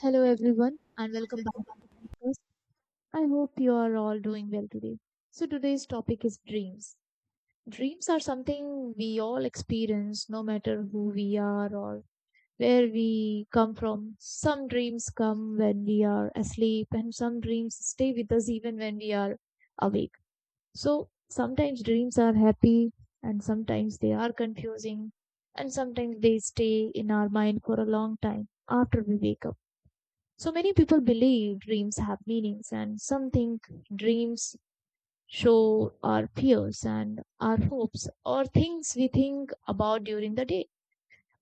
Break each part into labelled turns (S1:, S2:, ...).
S1: Hello, everyone, and welcome back to the podcast. I hope you are all doing well today. So, today's topic is dreams. Dreams are something we all experience no matter who we are or where we come from. Some dreams come when we are asleep, and some dreams stay with us even when we are awake. So, sometimes dreams are happy, and sometimes they are confusing, and sometimes they stay in our mind for a long time after we wake up. So many people believe dreams have meanings, and some think dreams show our fears and our hopes or things we think about during the day.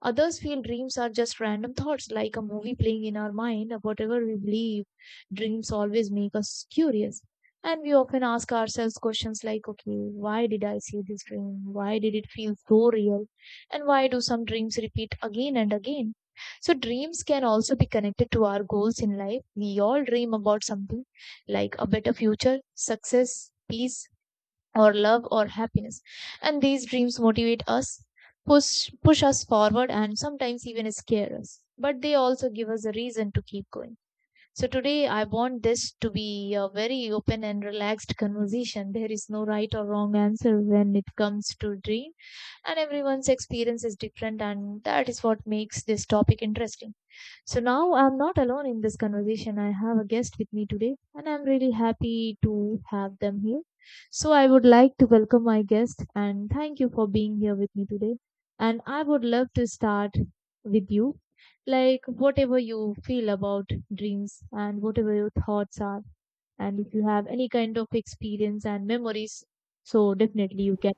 S1: Others feel dreams are just random thoughts, like a movie playing in our mind. Whatever we believe, dreams always make us curious. And we often ask ourselves questions like, okay, why did I see this dream? Why did it feel so real? And why do some dreams repeat again and again? So, dreams can also be connected to our goals in life. We all dream about something like a better future, success, peace, or love or happiness, and these dreams motivate us, push push us forward, and sometimes even scare us, but they also give us a reason to keep going. So today I want this to be a very open and relaxed conversation. There is no right or wrong answer when it comes to dream, and everyone's experience is different, and that is what makes this topic interesting. So now I'm not alone in this conversation. I have a guest with me today, and I'm really happy to have them here. So I would like to welcome my guest and thank you for being here with me today. And I would love to start with you. Like, whatever you feel about dreams and whatever your thoughts are, and if you have any kind of experience and memories, so definitely you can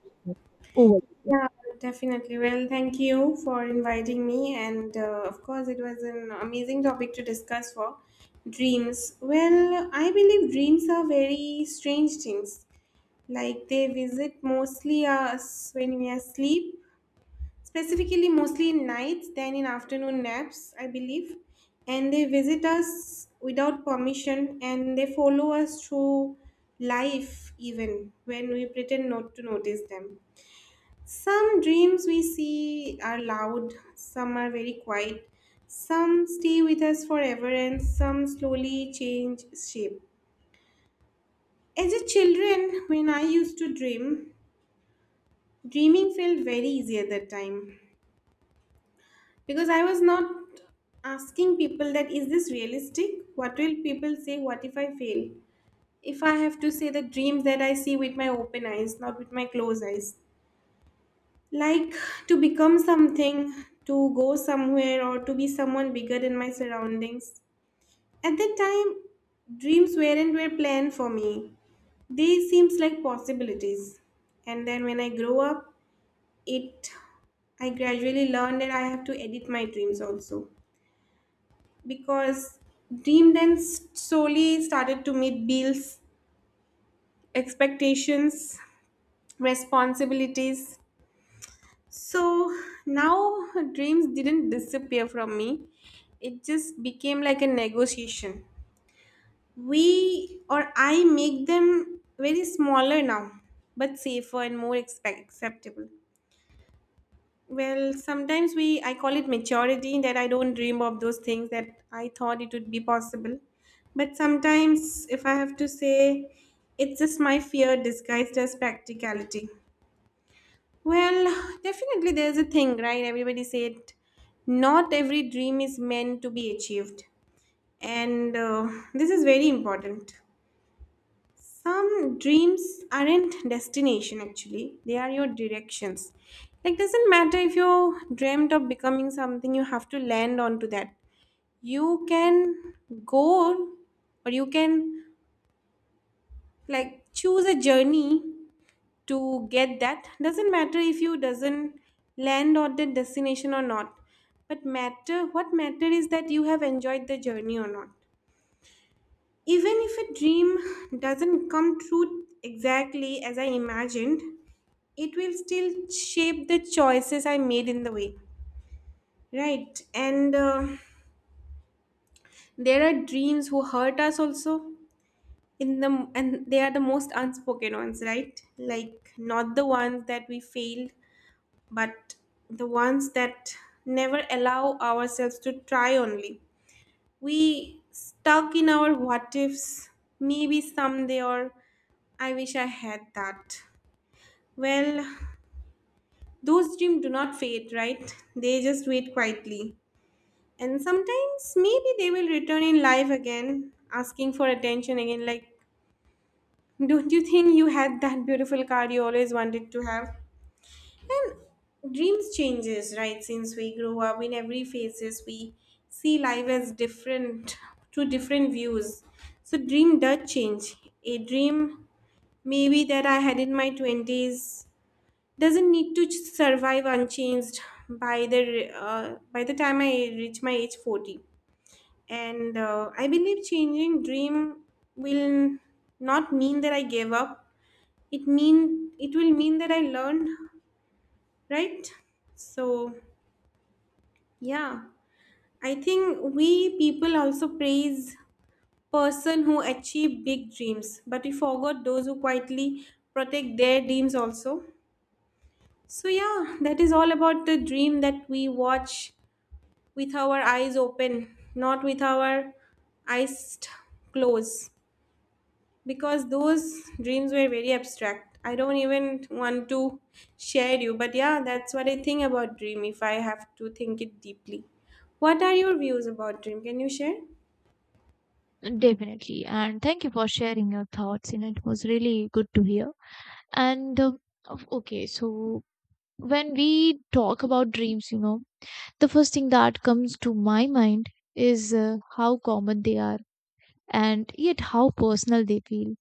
S1: over.
S2: Yeah, definitely. Well, thank you for inviting me. And Of course, it was an amazing topic to discuss for dreams. Well, I believe dreams are very strange things. Like they visit mostly us when we are asleep, specifically mostly in nights than in afternoon naps, I believe. And they visit us without permission, and they follow us through life even when we pretend not to notice them. Some dreams we see are loud, some are very quiet, some stay with us forever, and some slowly change shape. As a children, when I used to dream, dreaming felt very easy at that time because I was not asking people that is this realistic? What will people say? What if I fail? If I have to say the dreams that I see with my open eyes, not with my closed eyes. Like to become something, to go somewhere, or to be someone bigger in my surroundings. At that time dreams weren't were planned for me, they seems like possibilities. And then when I grow up, it I gradually learned that I have to edit my dreams also, because dream then slowly started to meet bills, expectations, responsibilities. So now, dreams didn't disappear from me. It just became like a negotiation. We or I make them very smaller now, but safer and more expect- acceptable. Well, sometimes we I call it maturity, that I don't dream of those things that I thought it would be possible. But sometimes if I have to say, it's just my fear disguised as practicality. Well, definitely there's a thing, right? Everybody said not every dream is meant to be achieved. And This is very important. Some dreams aren't destination actually. They are your directions. Like doesn't matter if you dreamt of becoming something, you have to land onto that. You can go, or you can like choose a journey to get that. Doesn't matter if you doesn't land on the destination or not, but matter what matter is that you have enjoyed the journey or not. Even if a dream doesn't come true exactly as I imagined, it will still shape the choices I made in the way, right? and There are dreams who hurt us also, in the and they are the most unspoken ones, right? Like not the ones that we failed, but the ones that never allow ourselves to try only. We stuck in our what ifs, maybe someday, or I wish I had that. Well, those dreams do not fade, right? They just wait quietly. And sometimes maybe they will return in life again, asking for attention again. Like, don't you think you had that beautiful car you always wanted to have? And dreams changes, right? Since we grow up in every phases, we see life as different to different views. So dream does change. A dream maybe that I had in my twenties doesn't need to survive unchanged by the time I reach my age 40. And I believe changing dream will not mean that I gave up. It mean it will mean that I learned, right? So yeah, I think we people also praise person who achieve big dreams, but we forgot those who quietly protect their dreams also. So yeah, that is all about the dream that we watch with our eyes open, not with our eyes t- closed, because those dreams were very abstract. I don't even want to share you, but yeah, that's what I think about dream if I have to think it deeply. What are your views about dream? Can you share?
S1: Definitely. And thank you for sharing your thoughts. You know, it was really good to hear. And uh, okay, so when we talk about dreams, you know, the first thing that comes to my mind is how common they are and yet how personal they feel.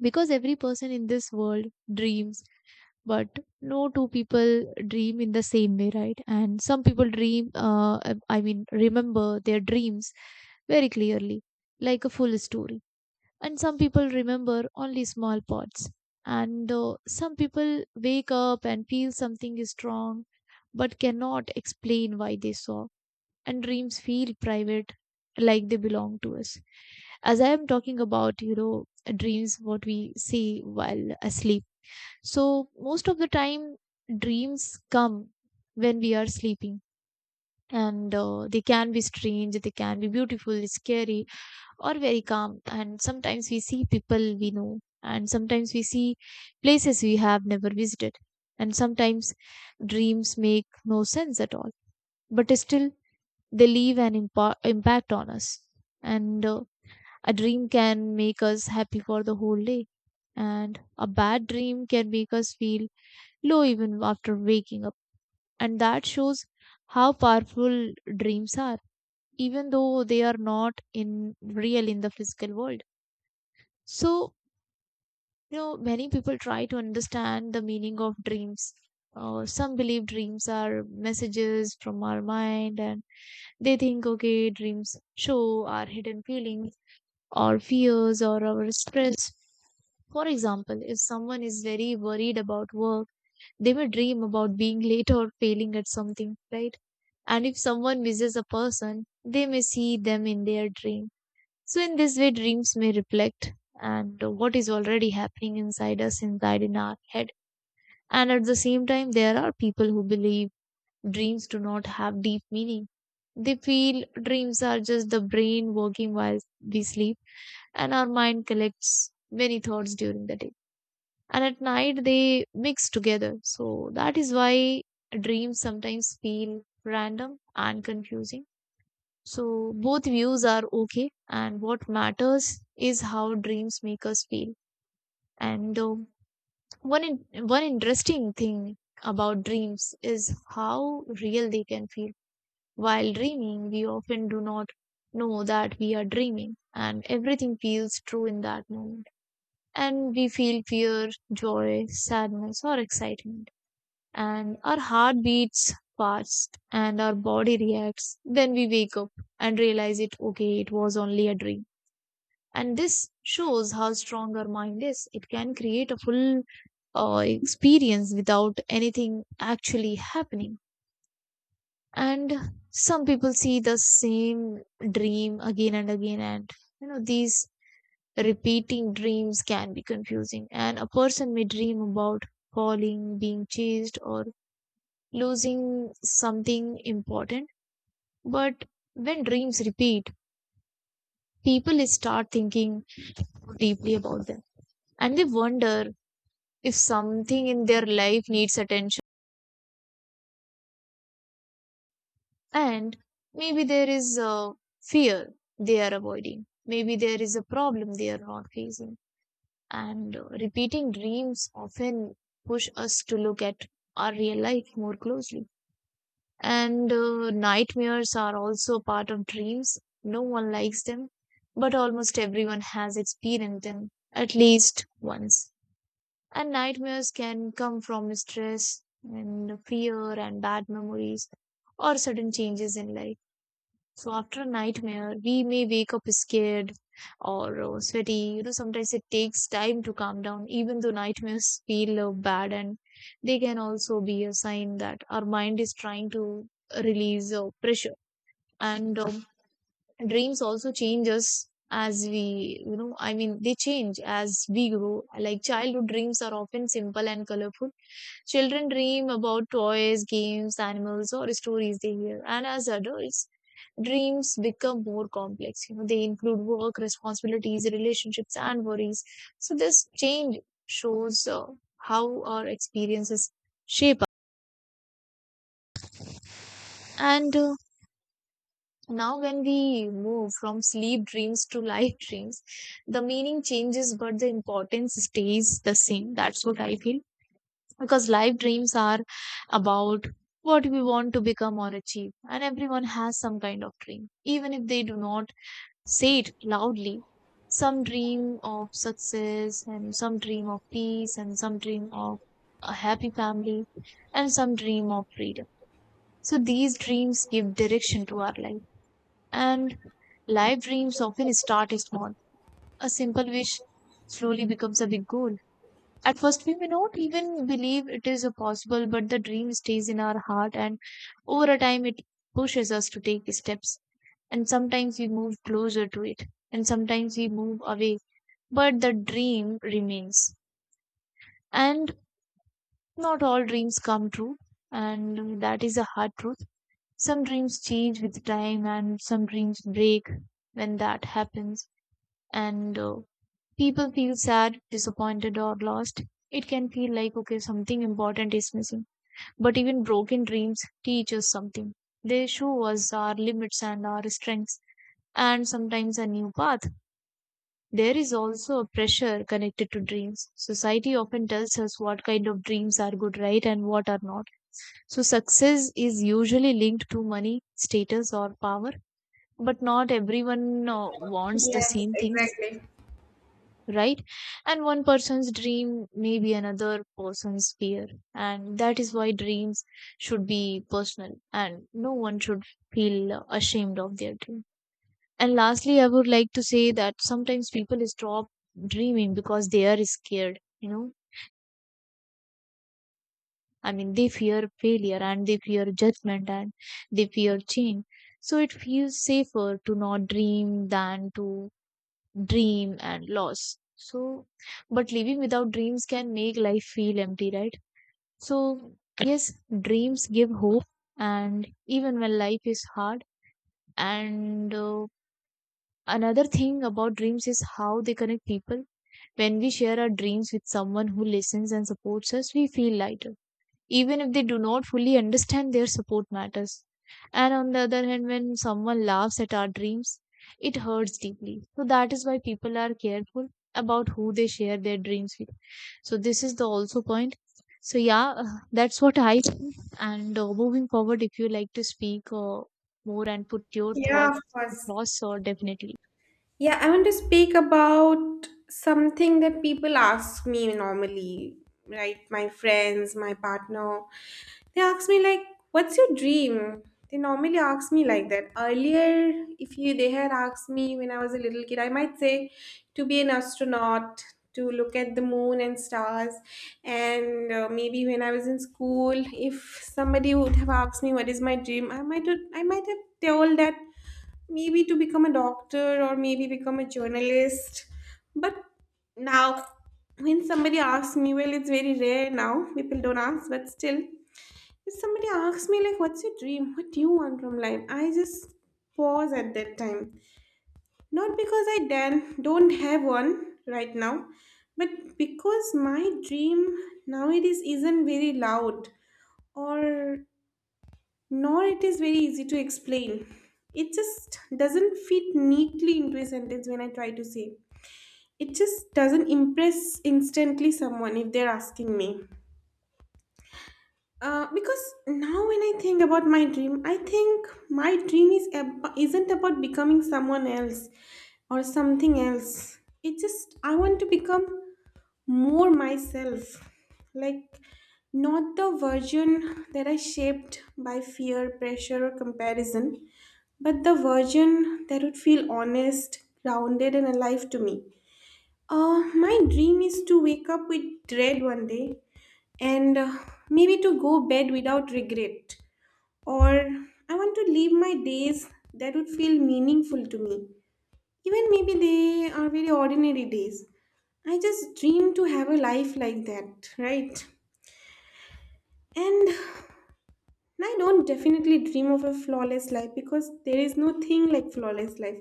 S1: Because every person in this world dreams, but no two people dream in the same way, right? And some people dream, I mean, remember their dreams very clearly, like a full story, and some people remember only small parts, and some people wake up and feel something is wrong but cannot explain why they saw. And dreams feel private, like they belong to us. As I am talking about, you know, dreams what we see while asleep. So most of the time, dreams come when we are sleeping, and they can be strange, they can be beautiful, scary, or very calm. And sometimes we see people we know, and sometimes we see places we have never visited, and sometimes dreams make no sense at all. But still, they leave an impact on us. And a dream can make us happy for the whole day, and a bad dream can make us feel low even after waking up. And that shows how powerful dreams are, even though they are not in real in the physical world. So you know, many people try to understand the meaning of dreams. Some believe dreams are messages from our mind, and they think, okay, dreams show our hidden feelings or fears or our stress. For example, if someone is very worried about work, they may dream about being late or failing at something, right? And if someone misses a person, they may see them in their dream. So, in this way, dreams may reflect and what is already happening inside us, inside in our head. And at the same time, there are people who believe dreams do not have deep meaning. They feel dreams are just the brain working while we sleep, and our mind collects many thoughts during the day. And at night, they mix together. So that is why dreams sometimes feel random and confusing. So both views are okay, and what matters is how dreams make us feel. And one interesting thing about dreams is how real they can feel. While dreaming, we often do not know that we are dreaming, and everything feels true in that moment. And we feel fear, joy, sadness, or excitement. And our heart beats fast, and our body reacts. Then we wake up and realize it. Okay, it was only a dream, and this shows how strong our mind is. It can create a full experience without anything actually happening. And some people see the same dream again and again, and you know, these repeating dreams can be confusing, and a person may dream about falling, being chased, or losing something important. But when dreams repeat, people start thinking deeply about them, and they wonder if something in their life needs attention. And maybe there is a fear they are avoiding, maybe there is a problem they are not facing. And repeating dreams often push us to look at our real life more closely. And nightmares are also a part of dreams. No one likes them, but almost everyone has experienced them at least once. And nightmares can come from stress and fear and bad memories or sudden changes in life. So after a nightmare, we may wake up scared or sweaty. You know, sometimes it takes time to calm down. Even though nightmares feel bad, and they can also be a sign that our mind is trying to release pressure. And dreams also change us as we, you know, I mean, they change as we grow. Like childhood dreams are often simple and colorful. Children dream about toys, games, animals, or stories they hear. And as adults, dreams become more complex. You know, they include work, responsibilities, relationships, and worries. So this change shows how our experiences shape us. And now, when we move from sleep dreams to life dreams, the meaning changes, but the importance stays the same. That's what I feel. Because life dreams are about what we want to become or achieve, and everyone has some kind of dream, even if they do not say it loudly. Some dream of success, and some dream of peace, and some dream of a happy family, and some dream of freedom. So these dreams give direction to our life. And life dreams often start small. A simple wish slowly becomes a big goal. At first, we may not even believe it is possible, but the dream stays in our heart, and over a time, it pushes us to take steps. And sometimes we move closer to it, and sometimes we move away, but the dream remains. And not all dreams come true, and that is a hard truth. Some dreams change with time, and some dreams break when that happens. And people feel sad, disappointed, or lost. It can feel like, okay, something important is missing. But even broken dreams teach us something. They show us our limits and our strengths, and sometimes a new path. There is also a pressure connected to dreams. Society often tells us what kind of dreams are good, right, and what are not. So, success is usually linked to money, status, or power, but not everyone wants the
S2: Yes,
S1: same things.
S2: exactly.
S1: Right? And one person's dream may be another person's fear. And that is why dreams should be personal, and no one should feel ashamed of their dream. And lastly, I would like to say that sometimes people stop dreaming because they are scared, you know. I mean, they fear failure, and they fear judgment, and they fear change. So it feels safer to not dream than to dream and loss. So but living without dreams can make life feel empty, right? So yes, dreams give hope and even when life is hard. And another thing about dreams is how they connect people. When we share our dreams with someone who listens and supports us, we feel lighter. Even if they do not fully understand, their support matters. And on the other hand, when someone laughs at our dreams, it hurts deeply. So that is why people are careful about who they share their dreams with. So this is the also point. So yeah, that's what I think. And moving forward, if you like to speak more and put your
S2: Yeah,
S1: thoughts
S2: of course.
S1: across, or definitely.
S2: Yeah, I want to speak about something that people ask me normally, right? My friends, my partner, they ask me like, "What's your dream?" They normally ask me like that. Earlier, if you they had asked me when I was a little kid, I might say to be an astronaut, to look at the moon and stars, and maybe when I was in school, if somebody would have asked me what is my dream, I might have told that maybe to become a doctor or maybe become a journalist. But now, when somebody asks me, well, it's very rare now, people don't ask, but still, if somebody asks me, like, what's your dream? What do you want from life? I just pause at that time. Not because I dan- don't have one right now, but because my dream nowadays isn't very loud or nor it is very easy to explain. It just doesn't fit neatly into a sentence when I try to say. It just doesn't impress instantly someone if they're asking me. Because now when I think about my dream, I think my dream is ab- isn't about becoming someone else or something else. It just I want to become more myself, like not the version that I shaped by fear, pressure, or comparison, but the version that would feel honest, grounded, and alive to me. uh, my dream is to wake up with dread one day, and maybe to go bed without regret, or I want to live my days that would feel meaningful to me, even maybe they are very ordinary days. I just dream to have a life like that, right? And I don't definitely dream of a flawless life because there is no thing like flawless life.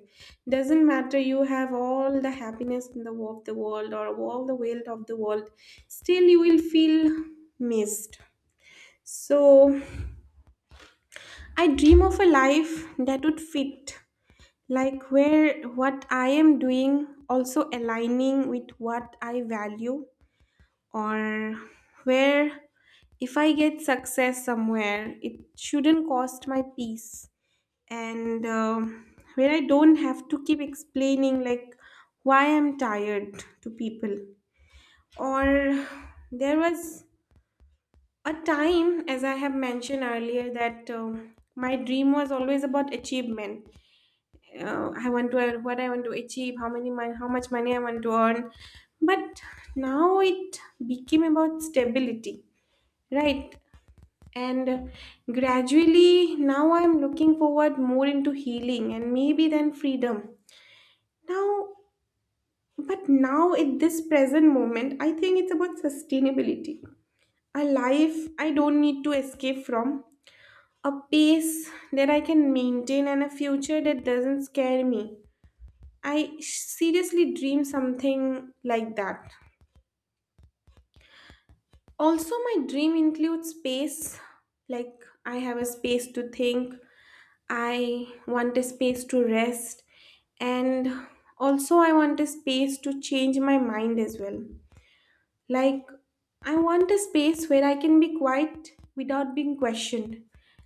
S2: Doesn't matter you have all the happiness in the wo- of the world or all the wealth of the world, still you will feel missed. So I dream of a life that would fit, like where what I am doing also aligning with what I value, or where if I get success somewhere, it shouldn't cost my peace, and where I don't have to keep explaining like why I'm tired to people. Or there was a time, as I have mentioned earlier, that my dream was always about achievement. I want to earn what I want to achieve, how many mon- how much money I want to earn, but now it became about stability. Right. And gradually now I'm looking forward more into healing and maybe then freedom. Now, but now at this present moment, I think it's about sustainability. A life I don't need to escape from, a pace that I can maintain, and a future that doesn't scare me. I seriously dream something like that. Also, my dream includes space. Like, I have a space to think, I want a space to rest, and also I want a space to change my mind as well. Like I want a space where I can be quiet without being questioned.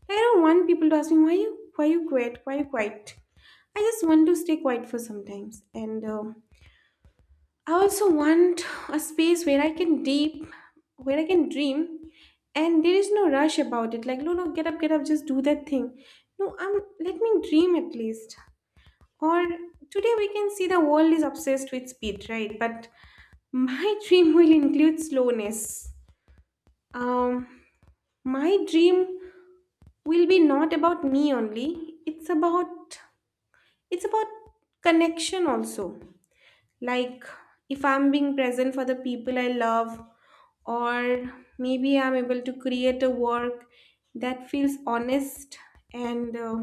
S2: I don't want people to ask me why you quiet, why you quiet. I just want to stay quiet for sometimes, and I also want a space where I can deep, where I can dream, and there is no rush about it. Like, no, no, get up, just do that thing. No, I'm let me dream at least. Or today we can see the world is obsessed with speed, right? But my dream will include slowness. Um, my dream will be not about me only. It's about connection also. Like if I'm being present for the people I love, or maybe I'm able to create a work that feels honest, and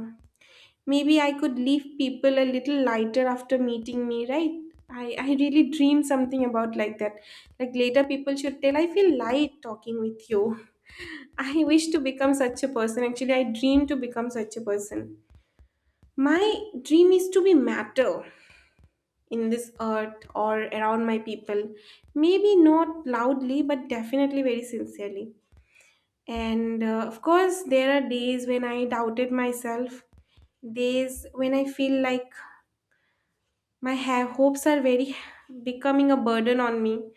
S2: maybe I could leave people a little lighter after meeting me, right? I really dream something about like that. Like later people should tell I feel light talking with you. I wish to become such a person. Actually, I dream to become such a person. My dream is to be matter in this earth or around my people. Maybe not loudly, but definitely very sincerely. And Of course, there are days when I doubted myself, days when I feel like my ha- hopes are very becoming a burden on me,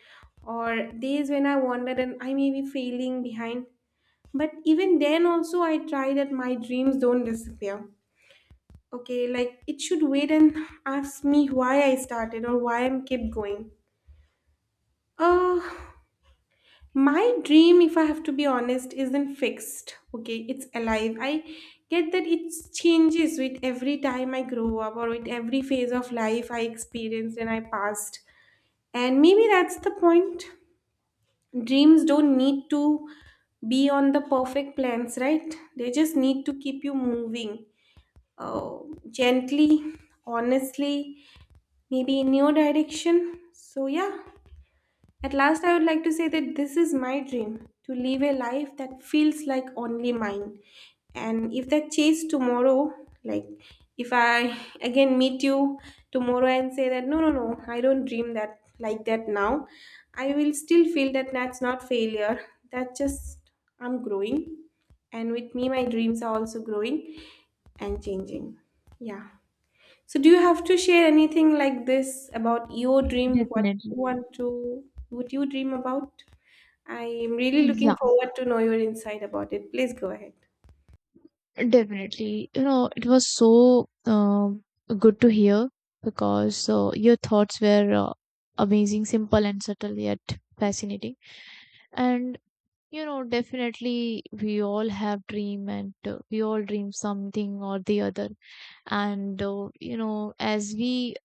S2: or days when I wondered and I may be failing behind. But even then, also, I try that my dreams don't disappear. Okay, like it should wait and ask me why I started or why I'm kept going. Uh, My dream, if I have to be honest, isn't fixed. Okay, it's alive. I get that it changes with every time I grow up or with every phase of life I experienced and I passed. And maybe that's the point. Dreams don't need to be on the perfect plans, right? They just need to keep you moving uh, gently, honestly, maybe in your direction. So, yeah, at last, I would like to say that this is my dream to live a life that feels like only mine. And if that chase tomorrow, like if I again meet you tomorrow and say that no, no, no, I don't dream that like that now, I will still feel that that's not failure. That just I'm growing, and with me, my dreams are also growing and changing. Yeah. So, do you have to share anything like this about your dream? What
S1: Definitely.
S2: you want to, what you dream about? I am really looking
S1: Yeah.
S2: forward to know your insight about it. Please go ahead.
S1: Definitely. You know, it was so good to hear because your thoughts were amazing, simple, and subtle, yet fascinating. And, you know, definitely we all have dream, and we all dream something or the other. And, you know,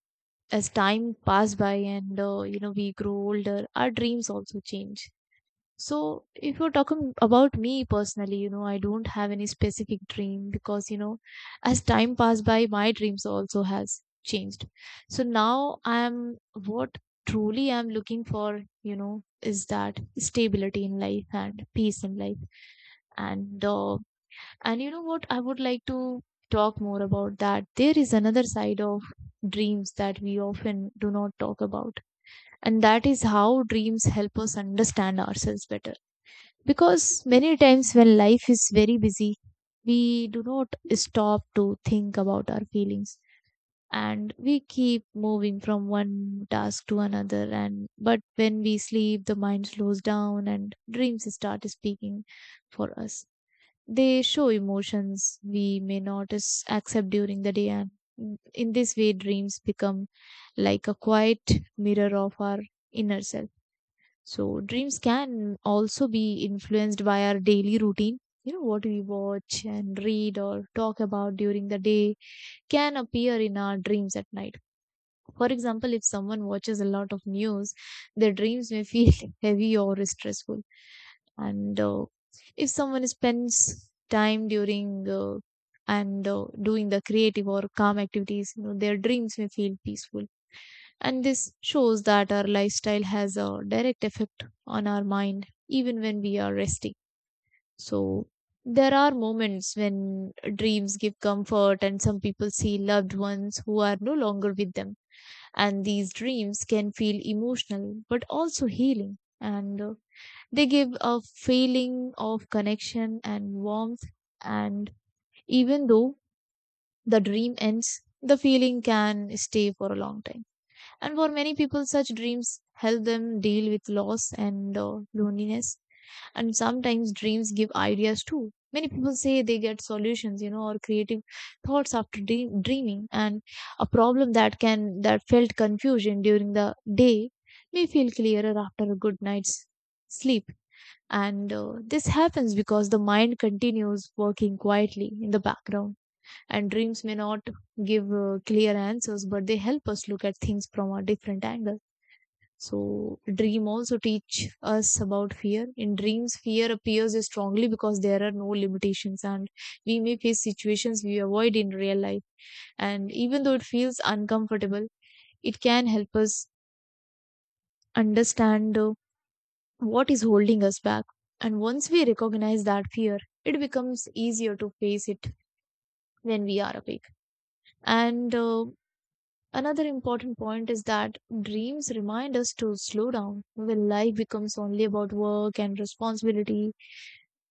S1: as time pass by, and, you know, we grow older, our dreams also change. So, if you're talking about me personally, you know, I don't have any specific dream because, you know, as time passed by, my dreams also has changed. So now I'm what truly I'm looking for, you know, is that stability in life and peace in life. And uh, and you know what, I would like to talk more about that. There is another side of dreams that we often do not talk about, and that is how dreams help us understand ourselves better because many times when life is very busy, we do not stop to think about our feelings and we keep moving from one task to another and but when we sleep the mind slows down and dreams start speaking for us. They show emotions we may not accept during the day, and in this way dreams become like a quiet mirror of our inner self. So dreams can also be influenced by our daily routine. You know, what we watch and read or talk about during the day can appear in our dreams at night. For example, if someone watches a lot of news, their dreams may feel heavy or stressful. And if someone spends time during and doing the creative or calm activities, you know, their dreams may feel peaceful. And this shows that our lifestyle has a direct effect on our mind, even when we are resting. So, there are moments when dreams give comfort, and some people see loved ones who are no longer with them. And these dreams can feel emotional but also healing. And they give a feeling of connection and warmth. And even though the dream ends, the feeling can stay for a long time. And for many people, such dreams help them deal with loss and loneliness. And sometimes dreams give ideas too. Many people say they get solutions, you know, or creative thoughts after dreaming. And a problem that felt confusion during the day may feel clearer after a good night's sleep. And this happens because the mind continues working quietly in the background. And dreams may not give clear answers, but they help us look at things from a different angle. So, dream also teach us about fear. In dreams, fear appears strongly because there are no limitations, and we may face situations we avoid in real life. And even though it feels uncomfortable, it can help us understand what is holding us back. And once we recognize that fear, it becomes easier to face it when we are awake. And Another important point is that dreams remind us to slow down when life becomes only about work and responsibility.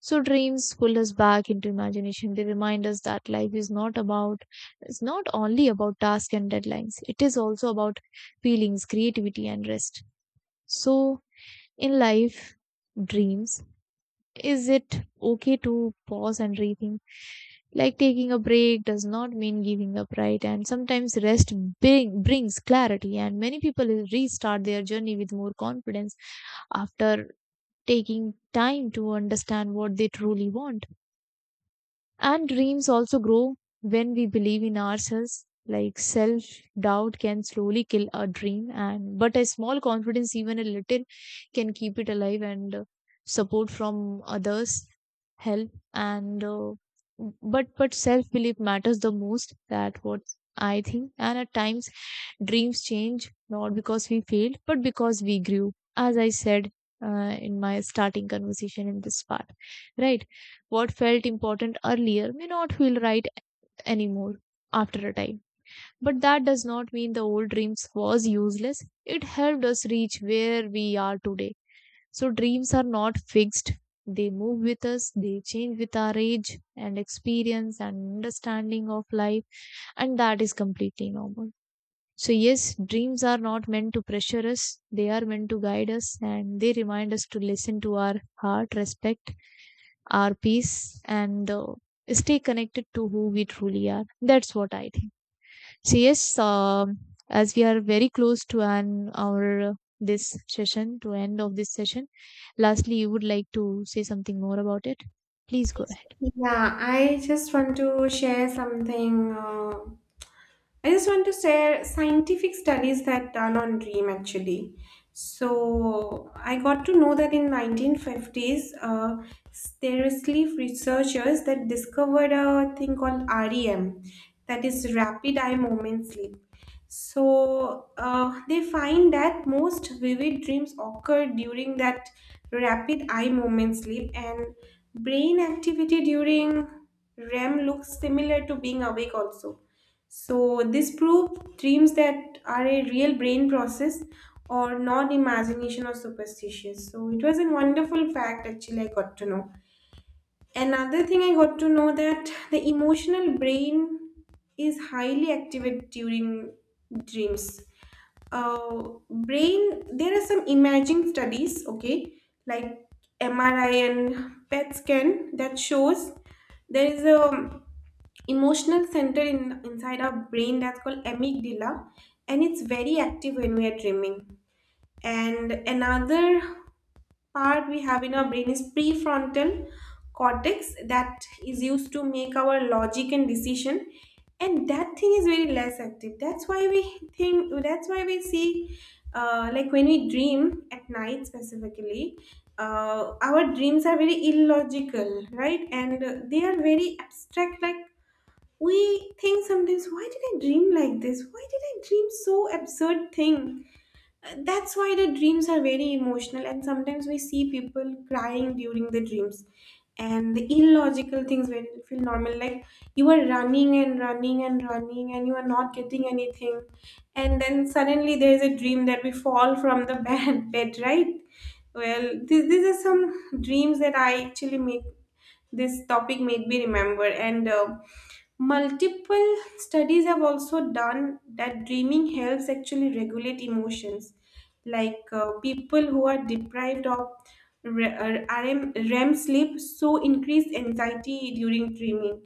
S1: So dreams pull us back into imagination. They remind us that life is not about, it's not only about tasks and deadlines. It is also about feelings, creativity and rest. So in life dreams, is it okay to pause and rethink? Like taking a break does not mean giving up, right? And sometimes brings clarity, and many people restart their journey with more confidence after taking time to understand what they truly want. And dreams also grow when we believe in ourselves. Like self doubt can slowly kill a dream, and but a small confidence, even a little, can keep it alive. And support from others help. And but self belief matters the most. That what I think. And at times, dreams change not because we failed, but because we grew. As I said in my starting conversation in this part, right? What felt important earlier may not feel right anymore after a time. But that does not mean the old dreams was useless. It helped us reach where we are today. So dreams are not fixed. They move with us, they change with our age and experience and understanding of life, and that is completely normal. So, yes, dreams are not meant to pressure us, they are meant to guide us and they remind us to listen to our heart, respect our peace and stay connected to who we truly are. That's what I think. So yes, as we are very close to an our this session to end of this session. Lastly, you would like to say something more about it. Please go ahead.
S2: Yeah, I just want to share something. I just want to share scientific studies that done on dream actually. So I got to know that in 1950s, there were sleep researchers that discovered a thing called REM, that is rapid eye movement sleep. So they find that most vivid dreams occur during that rapid eye movement sleep, and brain activity during REM looks similar to being awake also. So, this proves dreams that are a real brain process or not imagination or superstitious. So, it was a wonderful fact actually I got to know. Another thing I got to know that the emotional brain is highly activated during dreams. uh, Brain there are some imaging studies, okay, like MRI and PET scan that shows there is a emotional center in inside our brain that's called amygdala, and it's very active when we are dreaming. And another part we have in our brain is prefrontal cortex that is used to make our logic and decision, and that thing is very less active. That's why we think, that's why we see like when we dream at night specifically, our dreams are very illogical, right? and They are very abstract, like we think sometimes why did I dream like this, why did I dream so absurd thing. That's why the dreams are very emotional, and sometimes we see people crying during the dreams. And the illogical things when feel normal, like you are running and running and running, and you are not getting anything, and then suddenly there is a dream that we fall from the bed, right? Well, this, these are some dreams that I actually make, this topic made me remember, and multiple studies have also done that dreaming helps actually regulate emotions. Like people who are deprived of REM sleep, so increase anxiety during dreaming.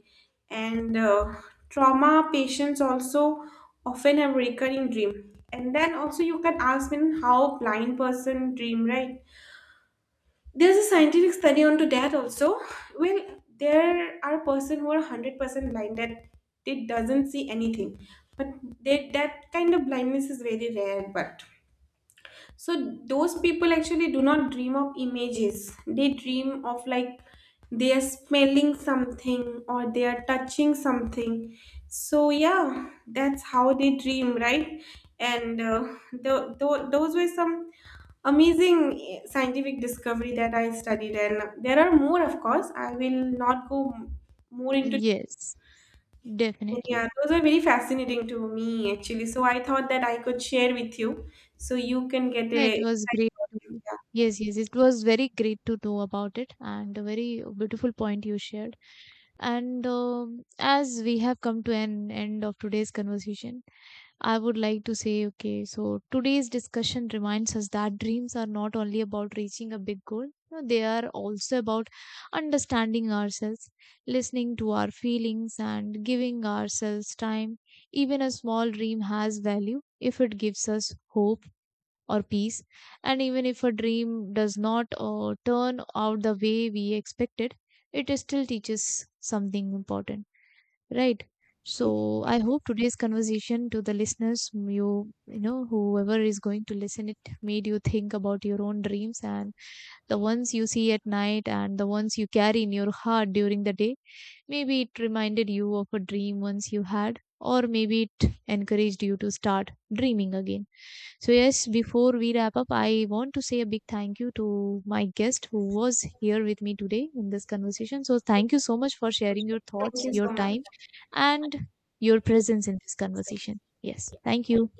S2: And Trauma patients also often have recurring dream. And then also you can ask me how blind person dream, right? There's a scientific study onto that also. Well, there are person who are 100% blind that they doesn't see anything, but they, that kind of blindness is very rare, but so those people actually do not dream of images. They dream of like they are smelling something or they are touching something. So yeah, that's how they dream, right? And the, tho- those were some amazing scientific discovery that I studied. And there are more, of course. I will not go m- more into
S1: Yes, definitely.
S2: yeah, those are very fascinating to me actually. So I thought that I could share with you so you can get
S1: No, it
S2: a
S1: was great.
S2: yeah,
S1: Yes, yes, it was very great to know about it, and a very beautiful point you shared. And as we have come to an end of today's conversation, I would like to say, okay, so today's discussion reminds us that dreams are not only about reaching a big goal, no, they are also about understanding ourselves, listening to our feelings, and giving ourselves time. Even a small dream has value if it gives us hope or peace, and even if a dream does not turn out the way we expected, it still teaches something important, right? So I hope today's conversation, to the listeners, you know, whoever is going to listen, it made you think about your own dreams and the ones you see at night and the ones you carry in your heart during the day. Maybe it reminded you of a dream once you had, or maybe it encouraged you to start dreaming again. So, yes, before we wrap up, I want to say a big thank you to my guest who was here with me today in this conversation. So, thank you so much for sharing your
S2: thank
S1: thoughts,
S2: you
S1: your
S2: so
S1: time,
S2: much.
S1: and your presence in this conversation. Yes, thank you.